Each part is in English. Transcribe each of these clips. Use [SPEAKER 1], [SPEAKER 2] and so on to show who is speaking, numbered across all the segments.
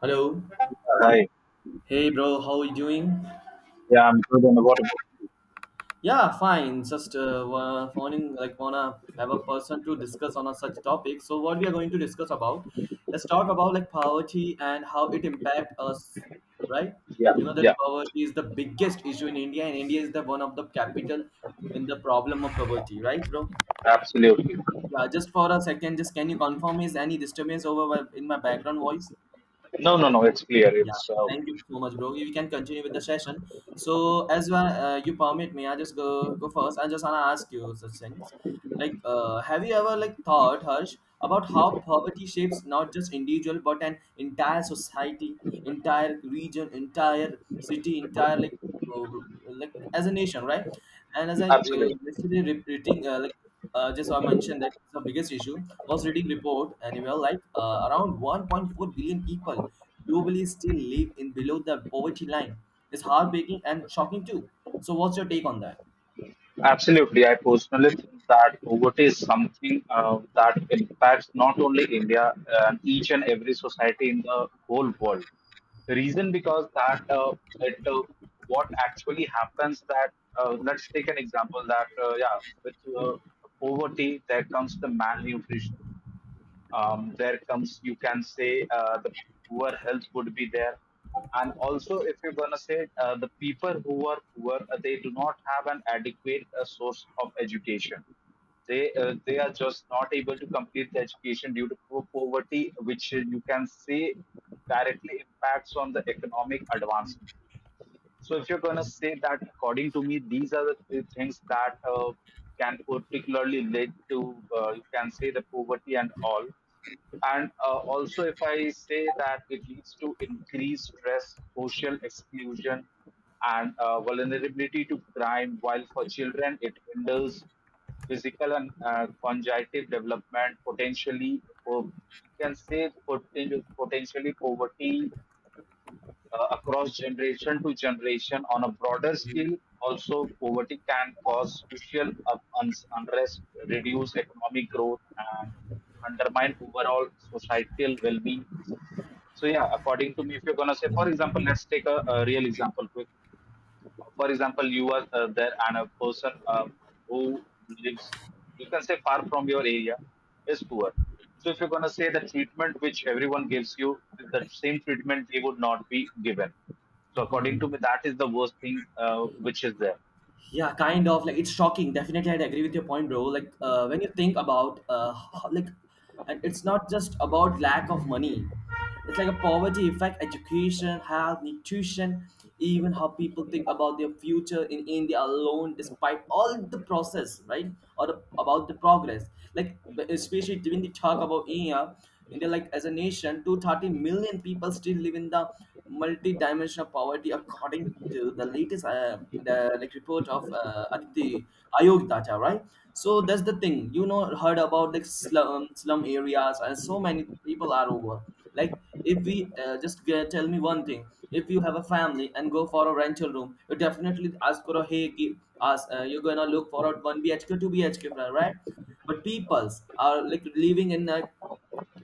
[SPEAKER 1] Hello.
[SPEAKER 2] Hi.
[SPEAKER 1] Hey, bro. How you doing?
[SPEAKER 2] Yeah, I'm good. And what about?
[SPEAKER 1] Yeah, fine. Just wanting wanna have a person to discuss on a such topic. So what we are going to discuss about? Let's talk about like poverty and how it impact us, right?
[SPEAKER 2] Yeah,
[SPEAKER 1] You know that
[SPEAKER 2] yeah,
[SPEAKER 1] poverty is the biggest issue in India, and India is the one of the capital in the problem of poverty, right, bro?
[SPEAKER 2] absolutely.
[SPEAKER 1] Yeah. Just for a second, just can you confirm is any disturbance over in my background voice?
[SPEAKER 2] No, no, no. It's clear.
[SPEAKER 1] Yeah,
[SPEAKER 2] It's okay.
[SPEAKER 1] thank you so much, bro. We can continue with the session. So, as well, you permit me, I just go first. I just wanna ask you such things. Like, have you ever like thought, Harsh, about how poverty shapes not just individual but an entire society, entire region, entire city, entire like uh, like as a nation, right? And as I
[SPEAKER 2] Absolutely,
[SPEAKER 1] yesterday reading just I mentioned that the biggest issue was reading report and anywhere like around 1.4 billion people globally still live in below the poverty line is heartbreaking and shocking too. So what's your take on that?
[SPEAKER 2] absolutely. I personally think that poverty is something that impacts not only India and each and every society in the whole world. The reason because that it, what actually happens that Let's take an example that yeah, with uh, poverty there comes the malnutrition, there comes, you can say, the poor health would be there. And also, if you're going to say, the people who are poor, they do not have an adequate source of education. They are just not able to complete the education due to poverty, which, you can say, directly impacts on the economic advancement. So if you're gonna say that, according to me, these are the three things that can particularly lead to, you can say, the poverty and all. And also, if I say that it leads to increased stress, social exclusion, and vulnerability to crime, while for children it hinders physical and cognitive development, potentially, po- you can say poten- potentially poverty across generation to generation on a broader scale. Also, poverty can cause social unrest, reduce economic growth, and undermine overall societal well being. So, yeah, according to me, if you're going to say, for example, let's take a real example quick. For example, you are there, and a person who lives, you can say, far from your area is poor. So if you're going to say the treatment which everyone gives you, the same treatment they would not be given. So according to
[SPEAKER 1] Mhm.
[SPEAKER 2] me, that is the worst thing which is there.
[SPEAKER 1] Yeah, kind of like it's shocking. Definitely, I agree with your point, bro. Like when you think about and it's not just about lack of money. It's like a poverty effect, education, health, nutrition, even how people think about their future in India alone, despite all the process, right? Or the, about the progress. Like especially when you talk about India, India, like as a nation, 230 million people still live in the multi-dimension of poverty, according to the latest like report of Aditi Ayog data, right? So that's the thing. You know, heard about like slum areas, and so many people are over. Like if we just tell me one thing, if you have a family and go for a rental room, you definitely ask for a hey, give, ask you're gonna look for a 1 BHK, 2 BHK, right? But peoples are like living in a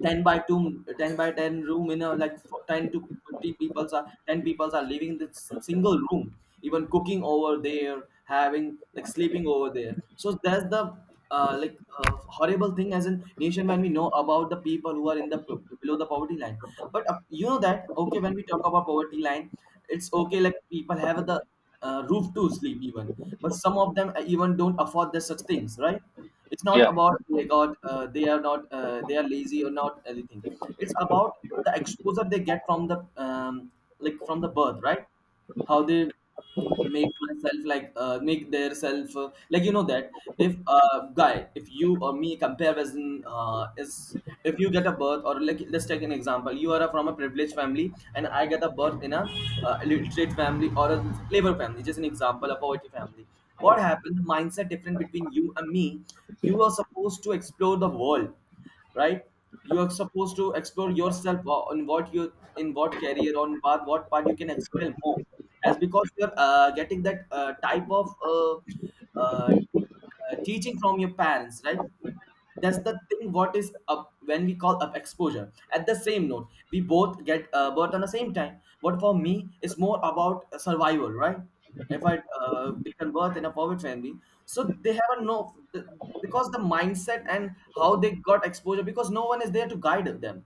[SPEAKER 1] 10 by 2, 10 by 10 room in a like for 10 to 50 people are 10 people are living in this single room, even cooking over there, having like sleeping over there. So that's the uh, like uh, horrible thing as a nation when we know about the people who are below the poverty line. But you know that okay, when we talk about poverty line, it's okay, like people have the roof to sleep even, but some of them even don't afford the such things, right? It's not
[SPEAKER 2] Yeah,
[SPEAKER 1] about they got they are not they are lazy or not anything. It's about the exposure they get from the from the birth, right? How they make myself make their self like you know that if a guy if you or me compare as in is if you get a birth, or like let's take an example, you are from a privileged family, and I get a birth in a illiterate family or a labor family, just an example, a poverty family. What happened the mindset different between you and me, you are supposed to explore the world, right? You are supposed to explore yourself on what you in what career on what part you can excel more, as because you're getting that type of teaching from your parents, right? That's the thing what is up when we call up exposure. At the same note we both get birth on the same time, but for me it's more about survival, right? If I become birth in a poverty family, so they have a no, because the mindset and how they got exposure because no one is there to guide them.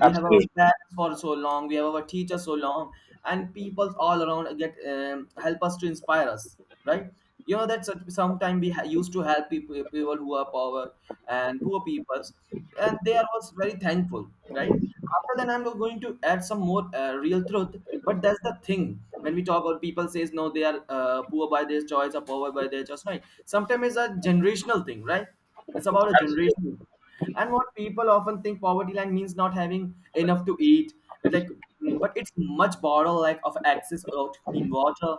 [SPEAKER 1] We have our
[SPEAKER 2] absolutely,
[SPEAKER 1] parents for so long, we have our teachers so long, and people all around get help us to inspire us, right? You know that sometimes we used to help people, people who are poor, and poor peoples, and they are also very thankful, right? After that I'm going to add some more real truth, but that's the thing. When we talk about people says no, they are poor by their choice or poor by their choice, right? Sometimes it's a generational thing, right? It's about a
[SPEAKER 2] absolutely,
[SPEAKER 1] generation. And what people often think poverty line means not having enough to eat, like, but it's much broader, like of access or to clean water,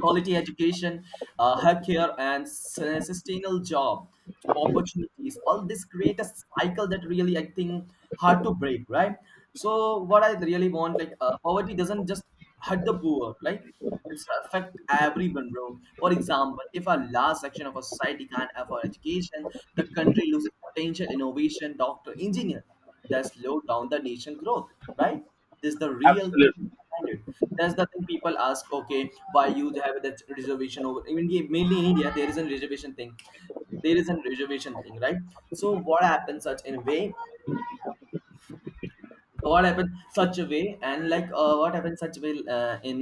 [SPEAKER 1] quality education, healthcare, and sustainable job opportunities. All this create a cycle that really I think hard to break, right? So what I really want, like poverty doesn't just hurt the poor, right? It's affect everyone, bro. For example, if a large section of a society can't afford education, the country loses potential innovation, doctor, engineer, that slow down the nation growth, right? This is the real thing
[SPEAKER 2] absolutely.
[SPEAKER 1] behind it. That's the thing, people ask okay, why you have that reservation over, mainly in India there is a reservation thing, there is a reservation thing, right? So what happened such in a way, what happened such a way, and like what happened such a way uh, in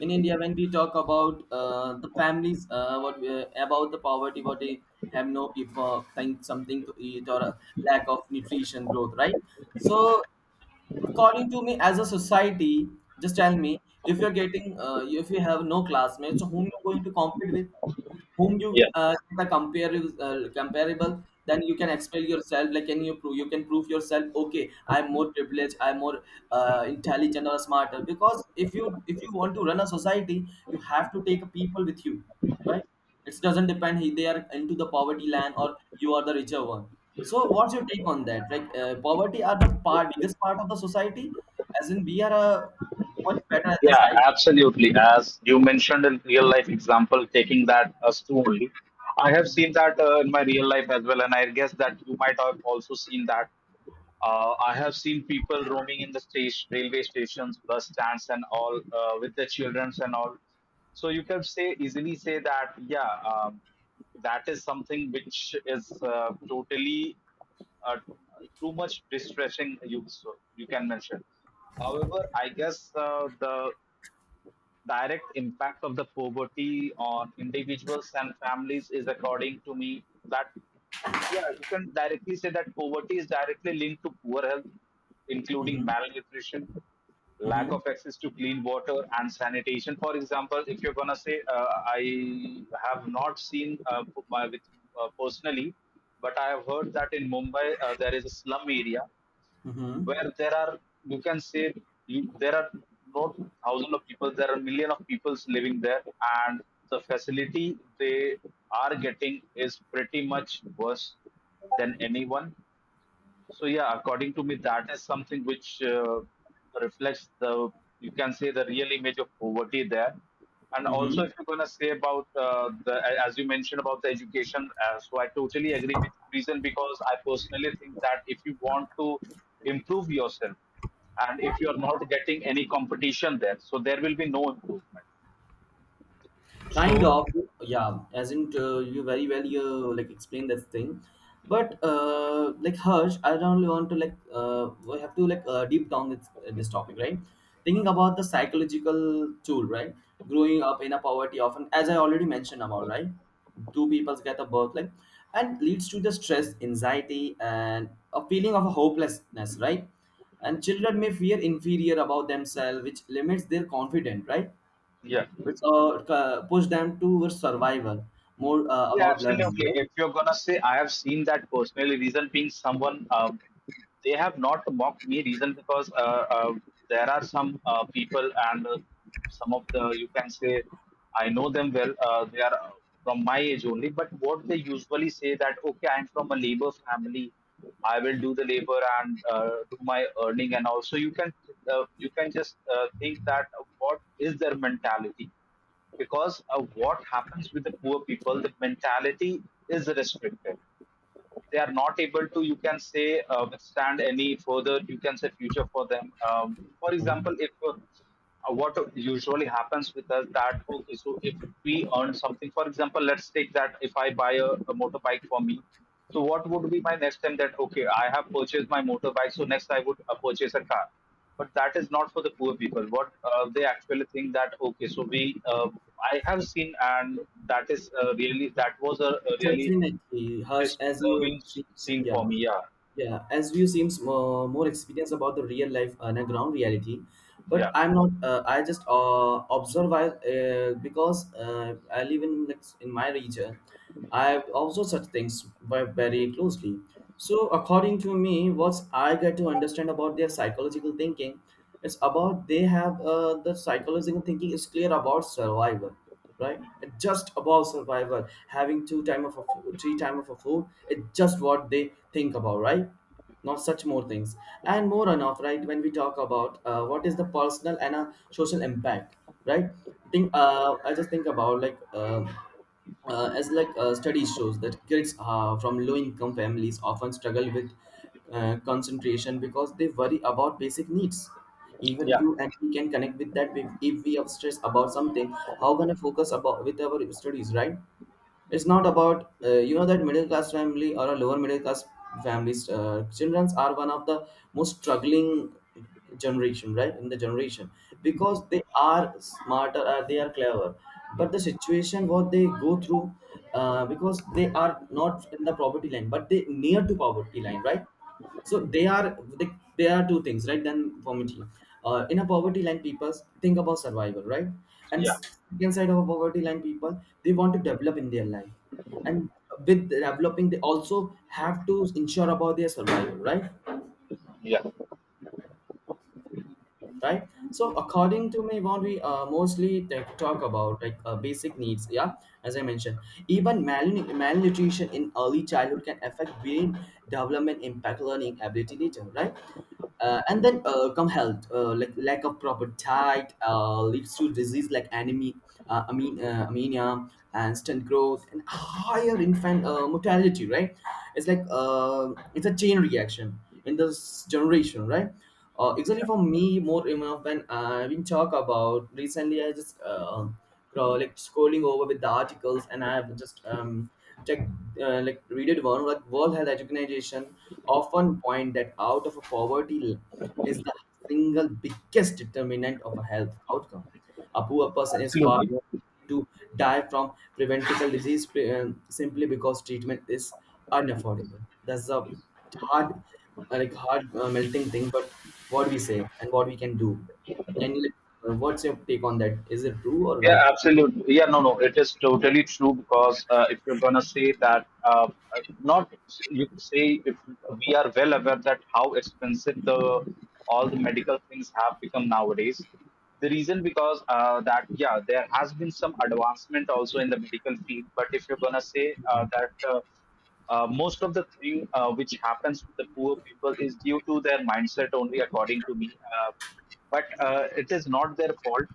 [SPEAKER 1] in India, when we talk about the families about the poverty, what they have, no people find something to eat, or a lack of nutrition growth, right? So according to me, as a society, just tell me, if you're getting if you have no classmates, so whom you're going to compete with, whom you the compare comparable, then you can expel yourself, like can you prove, you can prove yourself, okay, I'm more privileged, I'm more intelligent or smarter. Because if you want to run a society, you have to take people with you, right? It doesn't depend he they are into the poverty land or you are the richer one. So what's your take on that? Like poverty are the part biggest part of the society, as in we are much better at the
[SPEAKER 2] Yeah,
[SPEAKER 1] side.
[SPEAKER 2] absolutely. As you mentioned in real life example, taking that as two only, I have seen that in my real life as well, and I guess that you might have also seen that. I have seen people roaming in the station, railway stations, bus stands, and all with their childrens and all. So you can say easily say that yeah, that is something which is totally uh, too much distressing you, so you can mention. However, I guess the direct impact of the poverty on individuals and families is, according to me, that yeah, you can directly say that poverty is directly linked to poor health, including
[SPEAKER 1] Mm-hmm.
[SPEAKER 2] malnutrition, lack
[SPEAKER 1] Mm-hmm.
[SPEAKER 2] of access to clean water and sanitation. For example, if you're going to say, I have not seen p- my, with, personally, but I have heard that in Mumbai there is a slum area
[SPEAKER 1] Mm-hmm.
[SPEAKER 2] where there are, you can say, there are not thousands of people, there are million of people living there, and the facility they are getting is pretty much worse than anyone. So yeah, according to me, that is something which reflects the, you can say, the real image of poverty there. And also,
[SPEAKER 1] Mm-hmm.
[SPEAKER 2] if you're going to say about as you mentioned about the education, so I totally agree with you. Reason because I personally think that if you want to improve yourself and if you are not getting any competition there, so there will be no improvement.
[SPEAKER 1] Kind
[SPEAKER 2] So
[SPEAKER 1] of, yeah, as in you very well you like explain that thing, but like, Harsh, I don't really want to like we have to like deep down this topic, right? Thinking about the psychological tool, right? Growing up in a poverty, often as I already mentioned about, right? Two peoples get a birth like, and leads to the stress, anxiety and a feeling of a hopelessness, right? And children may fear inferior about themselves, which limits their confidence, right?
[SPEAKER 2] yeah.
[SPEAKER 1] It's push them towards survival, more
[SPEAKER 2] Yeah,
[SPEAKER 1] about learning,
[SPEAKER 2] absolutely.
[SPEAKER 1] right?
[SPEAKER 2] If you're gonna say I have seen that personally, reason being someone, they have not mocked me. Reason because There are some people and, some of the, you can say, I know them well. They are from my age only, but what they usually say that okay, I'm from a labor family. I will do the labor and do my earning. And also you can, you can just think that what is their mentality. Because of what happens with the poor people, the mentality is restricted. They are not able to, you can say, stand any further, you can say future for them. For example,
[SPEAKER 1] Mhm.
[SPEAKER 2] if what usually happens with us that okay, so if we earn something, for example, let's take that if I buy a motorbike for me, so what would be my next time that okay, I have purchased my motorbike, so next I would purchase a car. But that is not for the poor people. What they actually think that okay, so we uh, I have seen and that is really, that was a really
[SPEAKER 1] Definitely, Harsh, as you
[SPEAKER 2] disturbing
[SPEAKER 1] seems,
[SPEAKER 2] scene for
[SPEAKER 1] yeah,
[SPEAKER 2] me. Yeah,
[SPEAKER 1] yeah, as you seems more experience about the real life and a ground reality,
[SPEAKER 2] yeah,
[SPEAKER 1] but I'm not. I just observe because I live in like, in my region. I observe such things very closely. So according to me, what I get to understand about their psychological thinking, it's about they have the psychological thinking is clear about survival, right? It just about survival, having two time of a food, three time of a food, it's just what they think about, right? Not such more things and more enough, right? When we talk about what is the personal and a social impact, right? Think I just think about like studies shows that kids from low income families often struggle with concentration, because they worry about basic needs. Even
[SPEAKER 2] yeah,
[SPEAKER 1] you and we can connect with that, if we are stressed about something, how gonna focus about with our studies, right? It's not about you know that middle class family or a lower middle class families children are one of the most struggling generation, right? In the generation because they are smarter or they are clever, but the situation what they go through, because they are not in the poverty line, but they near to poverty line, right? So they are they are two things, right? Then poverty, in a poverty line people think about survival, right? And
[SPEAKER 2] yeah,
[SPEAKER 1] second side of a poverty line, people they want to develop in their life, and with developing they also have to ensure about their survival, right?
[SPEAKER 2] yeah.
[SPEAKER 1] Right. So according to me, what we mostly like, talk about like basic needs, yeah, as I mentioned, even malnutrition in early childhood can affect brain development, impact learning ability later, right? And then come health, like lack of proper diet leads to disease like anemia, anemia and stunt growth and higher infant mortality, right? It's like it's a chain reaction in this generation, right? Actually, for me, more enough when I've been talk about recently. I just like scrolling over with the articles, and I've just checked, like read it one like World Health Organization often point that out of a is the single biggest determinant of a health outcome. A poor person is far
[SPEAKER 2] Absolutely.
[SPEAKER 1] more to die from preventable disease simply because treatment is unaffordable. That's the hard, like hard, melting thing, but what we say and what we can do. Can you, what's your take on that? Is it true or
[SPEAKER 2] Yeah,
[SPEAKER 1] right?
[SPEAKER 2] absolutely. Yeah, no, no, it is totally true. Because if you're gonna say that, not you could say, if we are well aware that how expensive the all the medical things have become nowadays. The reason because that yeah, there has been some advancement also in the medical field, but if you're gonna say that most of the thing which happens to the poor people is due to their mindset only, according to me. Uh, but it is not their fault.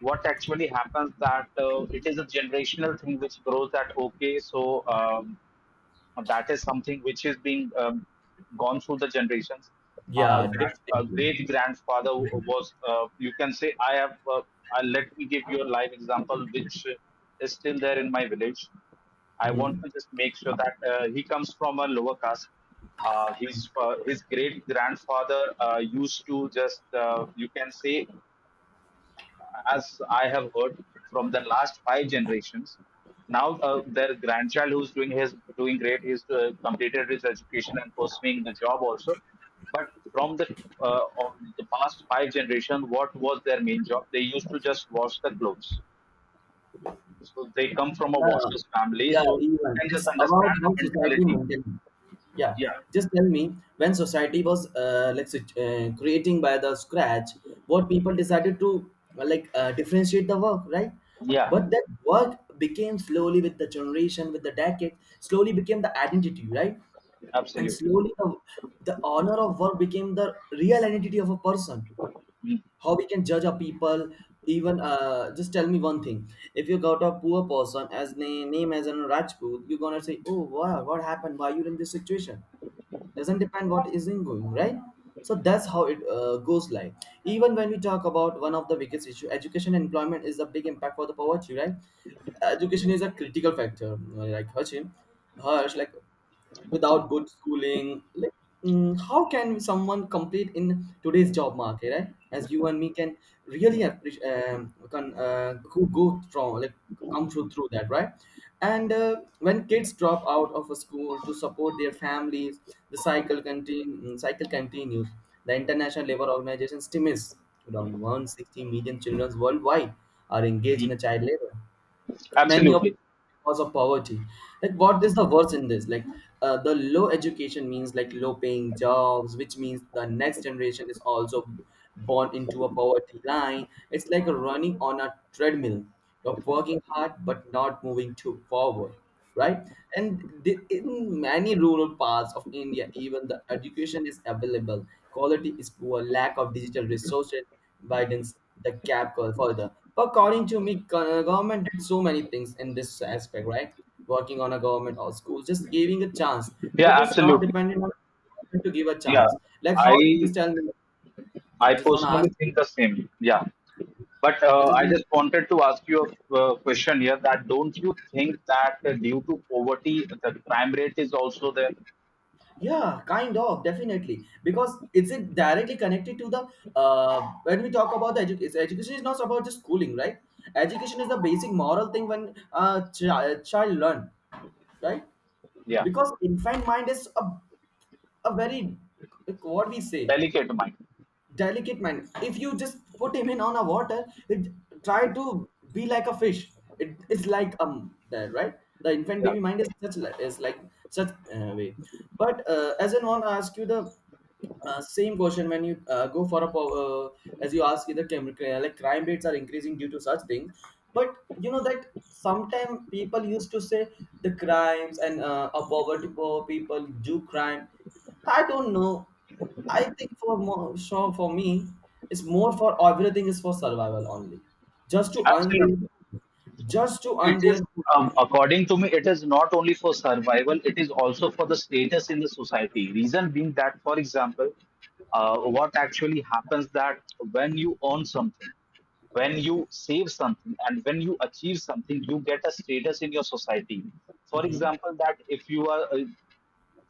[SPEAKER 2] What actually happens that it is a generational thing which grows that okay, so, and that is something which is being, gone through the generations. Our,
[SPEAKER 1] Yeah,
[SPEAKER 2] grand, our
[SPEAKER 1] definitely.
[SPEAKER 2] great grandfather was, you can say, I have, let me give you a live example which is still there in my village. I want
[SPEAKER 1] Mm-hmm.
[SPEAKER 2] to just make sure that he comes from a lower caste. His great grandfather used to just, you can say, as I have heard, from the last five generations. Now their grandchild who's doing great, he's completed his education and pursuing the job also. But from the, of the past five generation, what was their main job? They used to just wash the clothes. So they come from a
[SPEAKER 1] Yeah,
[SPEAKER 2] washer's family,
[SPEAKER 1] yeah,
[SPEAKER 2] so you
[SPEAKER 1] even
[SPEAKER 2] can just
[SPEAKER 1] it's about
[SPEAKER 2] understand
[SPEAKER 1] how
[SPEAKER 2] the
[SPEAKER 1] society
[SPEAKER 2] mentality.
[SPEAKER 1] maintains. Yeah,
[SPEAKER 2] Yeah,
[SPEAKER 1] just tell me, when society was like creating by the scratch, what people decided to, differentiate the work, right?
[SPEAKER 2] yeah,
[SPEAKER 1] But that work became slowly with the generation, with the decade, slowly became the identity, right? And
[SPEAKER 2] absolutely,
[SPEAKER 1] slowly the honor of work became the real identity of a person.
[SPEAKER 2] mm,
[SPEAKER 1] How we can judge a people? Even, just tell me one thing, if you got a poor person as name as an Rajput, you're gonna say, oh wow, what happened, why you're in this situation? Doesn't depend what is in going, right? So that's how it goes, like even when we talk about one of the biggest issue, education and employment is a big impact for the poverty, right? Education is a critical factor, like Hachin, Harsh, like without good schooling, like how can someone complete in today's job market, right, as you and me can really appreciate? Can, go from like come through that, right? And when kids drop out of a school to support their families, the cycle continues. The International Labour Organization estimates around 160 million children worldwide are engaged in
[SPEAKER 2] mm,
[SPEAKER 1] a child labor, many of
[SPEAKER 2] absolutely,
[SPEAKER 1] because of poverty. Like, what is the worst in this, like the low education means like low paying jobs, which means the next generation is also born into a poverty line. It's like running on a treadmill, you're working hard but not moving too forward, right? And in many rural parts of India, even the education is available. Quality is poor, lack of digital resources widens the gap further. According to me, government did so many things in this aspect, right? Working on a government or schools, just giving a chance,
[SPEAKER 2] yeah,
[SPEAKER 1] but it's not
[SPEAKER 2] absolutely,
[SPEAKER 1] dependent on government to give a
[SPEAKER 2] yeah.
[SPEAKER 1] chance. Like how?
[SPEAKER 2] I
[SPEAKER 1] Just tell me.
[SPEAKER 2] I
[SPEAKER 1] I just want to
[SPEAKER 2] personally
[SPEAKER 1] ask you.
[SPEAKER 2] think the same. Yeah. But
[SPEAKER 1] I just,
[SPEAKER 2] I just wanted to ask you a question here that don't you think that due to poverty, the crime rate is also there?
[SPEAKER 1] yeah, kind of, definitely. Because it directly connected to the, when we talk about the education, education is not about just schooling, right? Education is the basic moral thing when child learn, right?
[SPEAKER 2] Yeah.
[SPEAKER 1] Because infant mind is a very, what we say,
[SPEAKER 2] Delicate mind.
[SPEAKER 1] delicate man. If you just put him in on a water, it try to be like a fish. It is like that, right? The infant
[SPEAKER 2] Yeah.
[SPEAKER 1] baby mind is is like such, way. But as I want to ask you the, same question when you go for a uh, as you ask, the like crime rates are increasing due to such things. But you know that sometimes people used to say the crimes and a poverty poor people do crime. I don't know. I think for more, so for me, it's more for everything is for survival only. Just to earn their,
[SPEAKER 2] Absolutely.
[SPEAKER 1] just to
[SPEAKER 2] It
[SPEAKER 1] earn
[SPEAKER 2] is,
[SPEAKER 1] their.
[SPEAKER 2] according to me, it is not only for survival, it is also for the status in the society. Reason being that, for example, what actually happens that when you earn something, when you save something, and when you achieve something, you get a status in your society. For
[SPEAKER 1] Mhm,
[SPEAKER 2] example, that if you are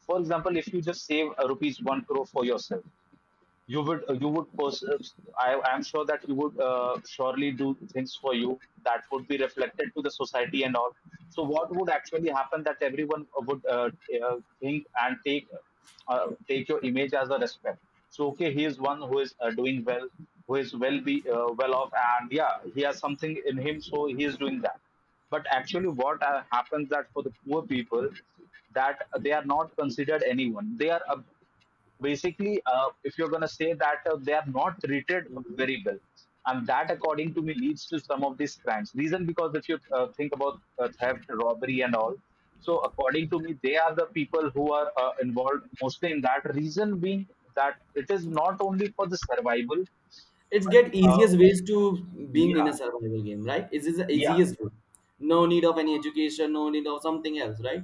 [SPEAKER 2] for example, if you just save rupees 1 crore for yourself, you would, I am sure that you would surely do things for you that would be reflected to the society and all. So what would actually happen that everyone would, think and take, take your image as a respect. So okay, he is one who is doing well, who is well off, and yeah, he has something in him, so he is doing that. But actually, what happens that for the poor people, that they are not considered anyone. They are basically, if you're going to say that they are not treated
[SPEAKER 1] mhm.
[SPEAKER 2] very well, and that, according to me, leads to some of these crimes. Reason because if you think about theft, robbery, and all, so according to me, they are the people who are involved mostly in that. Reason being that it is not only for the survival,
[SPEAKER 1] It's
[SPEAKER 2] but
[SPEAKER 1] get
[SPEAKER 2] uh,
[SPEAKER 1] easiest ways to, being in
[SPEAKER 2] yeah,
[SPEAKER 1] a survival game, right? It is the
[SPEAKER 2] yeah,
[SPEAKER 1] easiest way. No need of any education, no need of something else, right?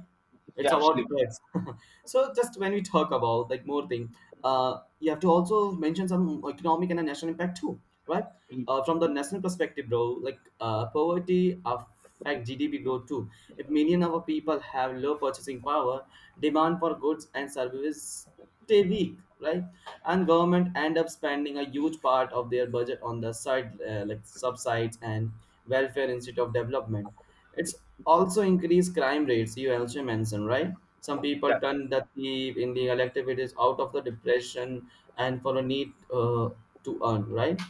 [SPEAKER 2] yeah,
[SPEAKER 1] It's about
[SPEAKER 2] absolutely,
[SPEAKER 1] drugs. So just when we talk about like more thing, you have to also mention some economic and a national impact too, right? From the national perspective, bro, like poverty affect GDP growth too. If million of our people have low purchasing power, demand for goods and services stay weak, right? And government end up spending a huge part of their budget on the side, like subsides and welfare instead of development. It's also increased crime rates. You also mentioned, right? Some
[SPEAKER 2] yeah,
[SPEAKER 1] people turn the thief in the activities out of the depression and for a need, to earn, right?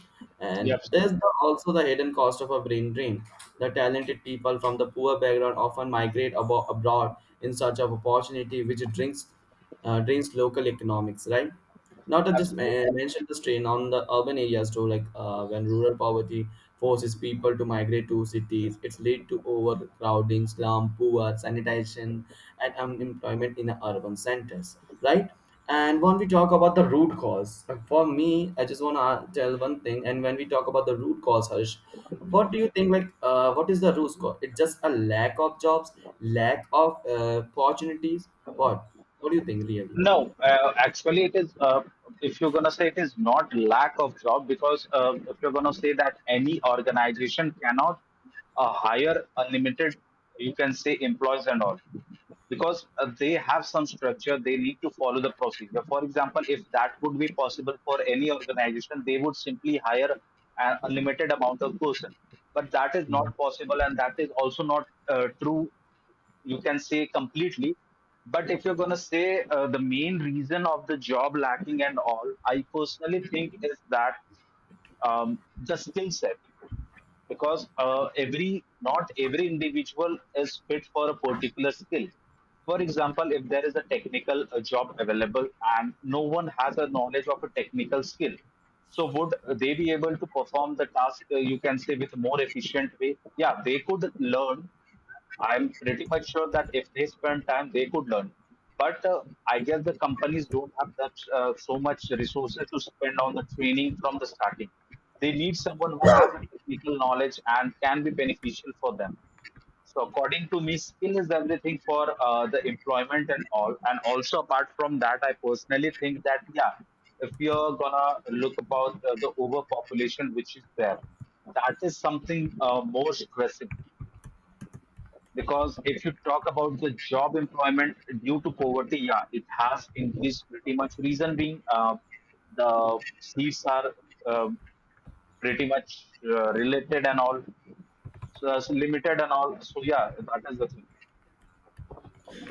[SPEAKER 2] yeah,
[SPEAKER 1] And
[SPEAKER 2] absolutely,
[SPEAKER 1] there's also the hidden cost of a brain drain. The talented people from the poor background often migrate abroad in search of opportunity, which drinks, drains local economics, right? Not to just
[SPEAKER 2] absolutely.
[SPEAKER 1] mention the strain on the urban areas too, like when rural poverty forces people to migrate to cities, it's lead to overcrowding, slum, poor sanitation, and unemployment in the urban centers, right? And when we talk about the root cause, for me, I just want to tell one thing. And when we talk about the root cause, Harsh, what do you think? Like, what is the root cause? It's just a lack of jobs, lack of opportunities. What? What do you think, really?
[SPEAKER 2] No, actually, it is. If you're gonna say it is not lack of job, because if you're gonna say that any organization cannot hire unlimited, you can say, employees and all, because they have some structure. They need to follow the procedure. For example, if that would be possible for any organization, they would simply hire an unlimited amount of person. But that is not possible, and that is also not true, you can say, completely. But if you're going to say the main reason of the job lacking and all, I personally think is that, the skill set. Because every not every individual is fit for a particular skill. For example, if there is a technical job available and no one has a knowledge of a technical skill, so would they be able to perform the task, you can say, with more efficient way? Yeah, they could learn. I'm pretty much sure that if they spend time, they could learn. But I guess the companies don't have that so much resources to spend on the training from the starting. They need someone who has a technical knowledge and can be beneficial for them. So according to me, skill is everything for the employment and all. And also apart from that, I personally think that yeah, if you're gonna look about the overpopulation which is there, that is something more stressing. Because if you talk about the job employment due to poverty, yeah, it has increased pretty much. Reason being, the seats are, um pretty much related and all, so that's limited and all. So yeah, that is the thing.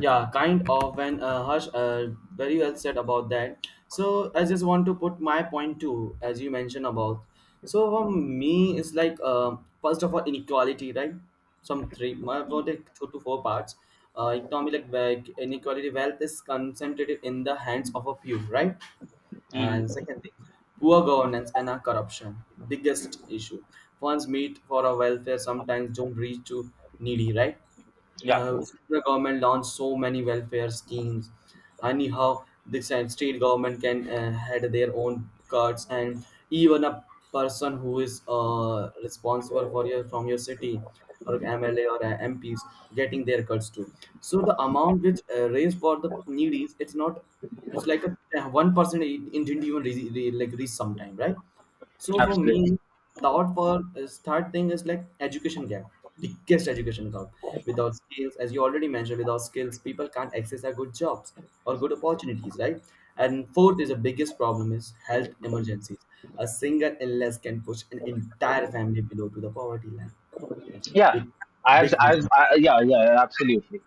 [SPEAKER 1] Yeah, kind of. And Harsh, very well said about that. So I just want to put my point too, as you mentioned about. So for me, it's like first of all, inequality, right? Some three, my for, like two to four parts. Economy like inequality, wealth is concentrated in the hands of a few, right?
[SPEAKER 2] Mhm.
[SPEAKER 1] And second thing, poor governance and a corruption, biggest issue. Funds meet for a welfare sometimes don't reach to needy, right?
[SPEAKER 2] Yeah,
[SPEAKER 1] Central government launched so many welfare schemes. Anyhow, the state government can had their own cards, and even a person who is responsible for your from your city, or MLA, or MPs getting their cards too. So the amount which raised for the needy, it's not. It's like a 1% individual like reach sometime, right? So for
[SPEAKER 2] absolutely.
[SPEAKER 1] me, thought for is third thing is like education gap, biggest education gap. Without skills, as you already mentioned, without skills, people can't access our good jobs or good opportunities, right? And fourth is the biggest problem is health emergencies. A single illness can push an entire family below to the poverty line. That's
[SPEAKER 2] Yeah,
[SPEAKER 1] big, big reason.
[SPEAKER 2] yeah, yeah, yeah, absolutely.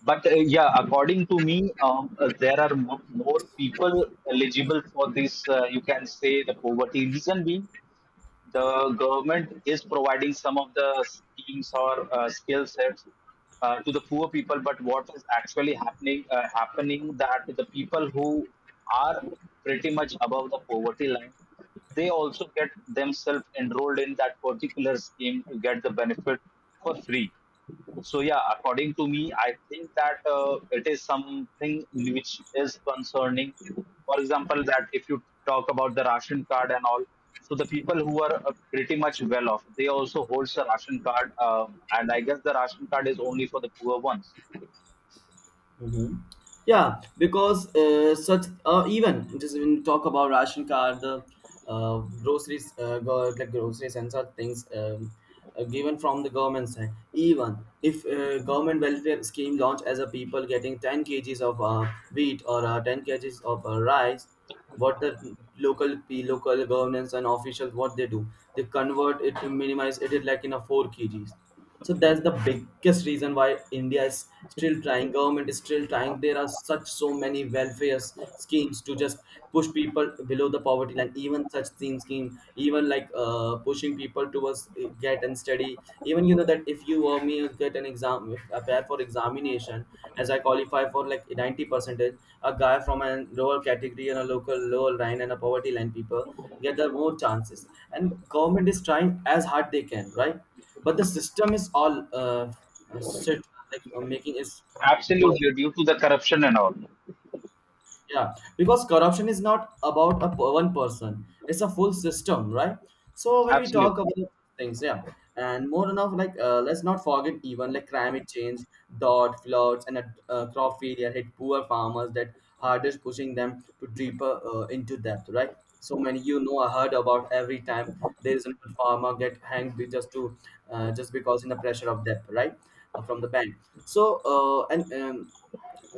[SPEAKER 2] But yeah, according to me, there are more people eligible for this. You can say the poverty reason being. The government is providing some of the schemes or skill sets to the poor people, but what is actually happening that the people who are pretty much above the poverty line, they also get themselves enrolled in that particular scheme to get the benefit for free. So yeah, according to me, I think that it is something which is concerning. For example, that if you talk about the ration card and all, so the people who are pretty much well off, they also holds the ration card, and I guess the ration card is only for the poor ones.
[SPEAKER 1] Hmm. Yeah, because such even just when you talk about ration card, the, uh, groceries, like groceries and such things, given from the government side. Even if government welfare scheme launch as a people getting 10 kgs of wheat or 10 kgs of rice, what the local governance and officials, what they do, they convert it to minimize it like in a 4 kgs. So that's the biggest reason why India is still trying, government is still trying, there are such so many welfare schemes to just push people below the poverty line, even such thin scheme, even like pushing people towards, get and study. Even you know that if you or me get an exam, if I prepare for examination, as I qualify for like 90 percentage, a guy from a lower category and a local lower line and a poverty line people get the more chances, and government is trying as hard they can, right? But the system is all, set like, making it work.
[SPEAKER 2] Absolutely, due to the corruption and all.
[SPEAKER 1] Yeah, because corruption is not about a one person, it's a full system, right? So when we
[SPEAKER 2] Absolutely,
[SPEAKER 1] talk about things, yeah, and more enough, like let's not forget even like climate change, drought, floods, and crop failure hit poor farmers that hardest, pushing them to deeper into debt, right? So many, you know, I heard about every time there is a farmer get hanged, just to just because in the pressure of debt, right, from the bank. So and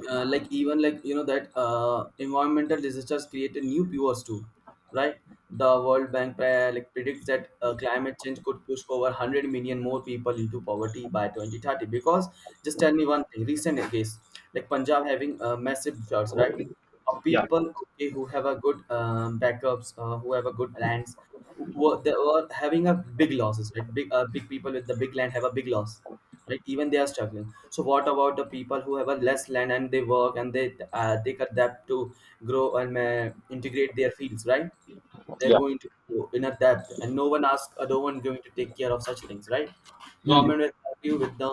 [SPEAKER 1] Like even, like you know that environmental disasters created new viewers too, right? The world bank like predicts that climate change could push over 100 million more people into poverty by 2030. Because just tell me one thing, recent case like Punjab having massive floods, right? Of
[SPEAKER 2] yeah,
[SPEAKER 1] people, okay, who have a good backups, who have a good lands, who were, they were having a big losses, right? Big big people with the big land have a big loss, right? Even they are struggling, so what about the people who have a less land and they work and they adapt to grow and integrate their fields, right? They're
[SPEAKER 2] yeah,
[SPEAKER 1] going to go in a debt and no one asks, no one going to take care of such things, right?
[SPEAKER 2] hmm,
[SPEAKER 1] Government will help you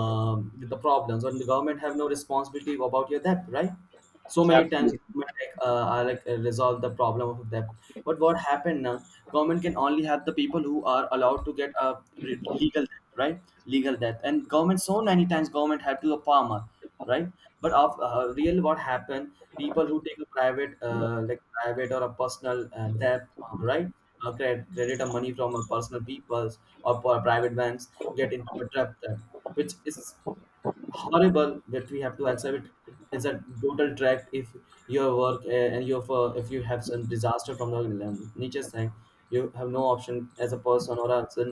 [SPEAKER 1] with the problems, and the government have no responsibility about your debt, right? So many times
[SPEAKER 2] absolutely,
[SPEAKER 1] government, like are like resolve the problem of debt. But what happened now, government can only help the people who are allowed to get a legal debt, right? Legal debt. And government, so many times government help to the farmer, right? But of real what happened, people who take a private like private or a personal debt, right? Credit or money from a personal peoples or for private banks get into a trap there, which is horrible that we have to accept. It's a total tract. If your work and your for, if you have some disaster from the nature side, you have no option as a person or as a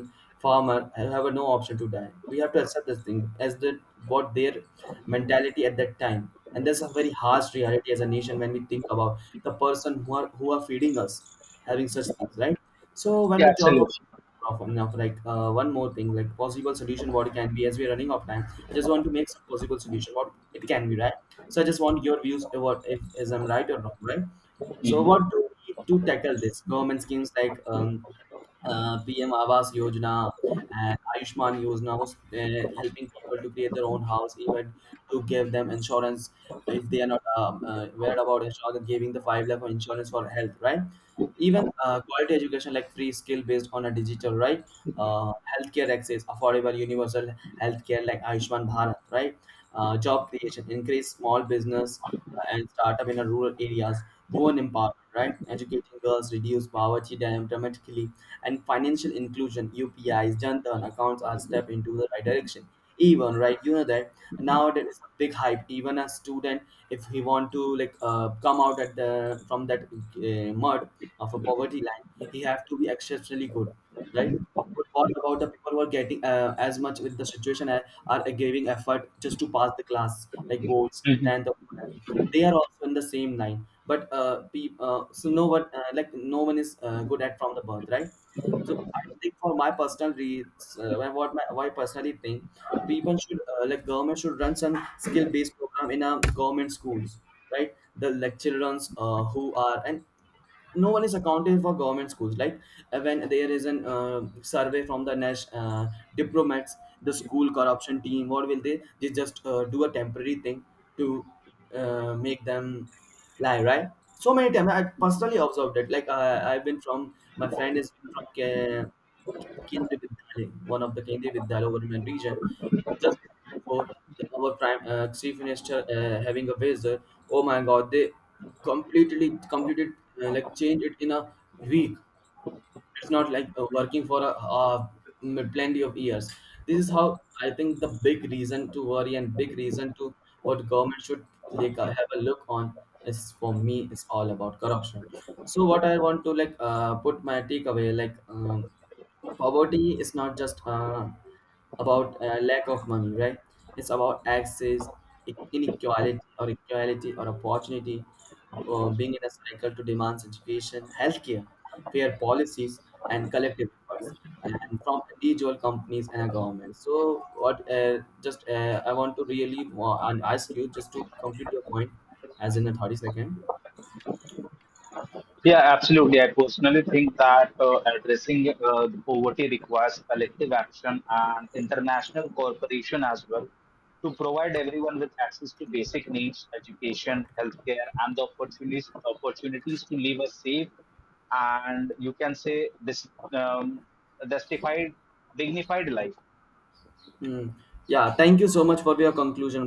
[SPEAKER 1] farmer, you have no option to die. We have to accept this thing as the what their mentality at that time, and that's a very harsh reality as a nation when we think about the person who are feeding us, having such things, right? So when
[SPEAKER 2] yeah,
[SPEAKER 1] we talk
[SPEAKER 2] absolutely.
[SPEAKER 1] about of enough, one more thing, like possible solution what it can be. As we're running out of time, I just want to make some possible solution what it can be, right? So I just want your views, what if is I'm right or not right. So
[SPEAKER 2] Mhm.
[SPEAKER 1] what do we need to tackle this? Government schemes like PM Awas Yojana and Ayushman Yojana was helping people to create their own house, even to give them insurance if they are not aware about insurance, giving the five lakh of insurance for health, right? Even quality education like free skill based on a digital, right? Healthcare access, affordable universal healthcare like Ayushman Bharat, right? Job creation, increase small business and startup in a rural areas, women empowerment, right? Educating girls, reduce poverty dramatically, and financial inclusion, UPIs, Jantan accounts are step into the right direction. Even right, you know that now there is a big hype. Even a student, if he want to come out at the from that mud of a poverty line, he have to be exceptionally good, right? But what about the people who are getting as much with the situation are giving effort just to pass the class like boards
[SPEAKER 2] Mhm.
[SPEAKER 1] and the that, they are also in the same line. So no one like no one is good at from the birth, right? So I think for my personal reads, why- what my why I personally think people should like government should run some skill based program in our government schools, right? The like children's who are and no one is accountable for government schools. Like when there is an survey from the nash diplomats, the school corruption team, what will they just do a temporary thing to make them lie, right? So many times I personally observed it. Like I've been, from my friend is from Kerala, केंद्रीय Vidyalay, one of the Kendriya Vidyalaya over my region, just before the, our prime chief minister having a visit. Oh my God, they completely completed like change it in a week. It's not like working for a, uh plenty of years. This is how I think, the big reason to worry and big reason to what government should have a look on is, for me, is all about corruption. So what I want to put my takeaway like. Poverty is not just about lack of money, right? It's about access, inequality or equality or opportunity. Being in a cycle to demands education, healthcare, fair policies, and collective efforts, and from individual companies and a government. So what just I want to really and ask you just to complete your point as in a 30 second.
[SPEAKER 2] Yeah, absolutely. I personally think that addressing the poverty requires collective action and international cooperation as well to provide everyone with access to basic needs, education, healthcare, and the opportunities to live a safe and, you can say, this, um, justified, dignified life.
[SPEAKER 1] Hmm. Yeah, thank you so much for your conclusion, bro.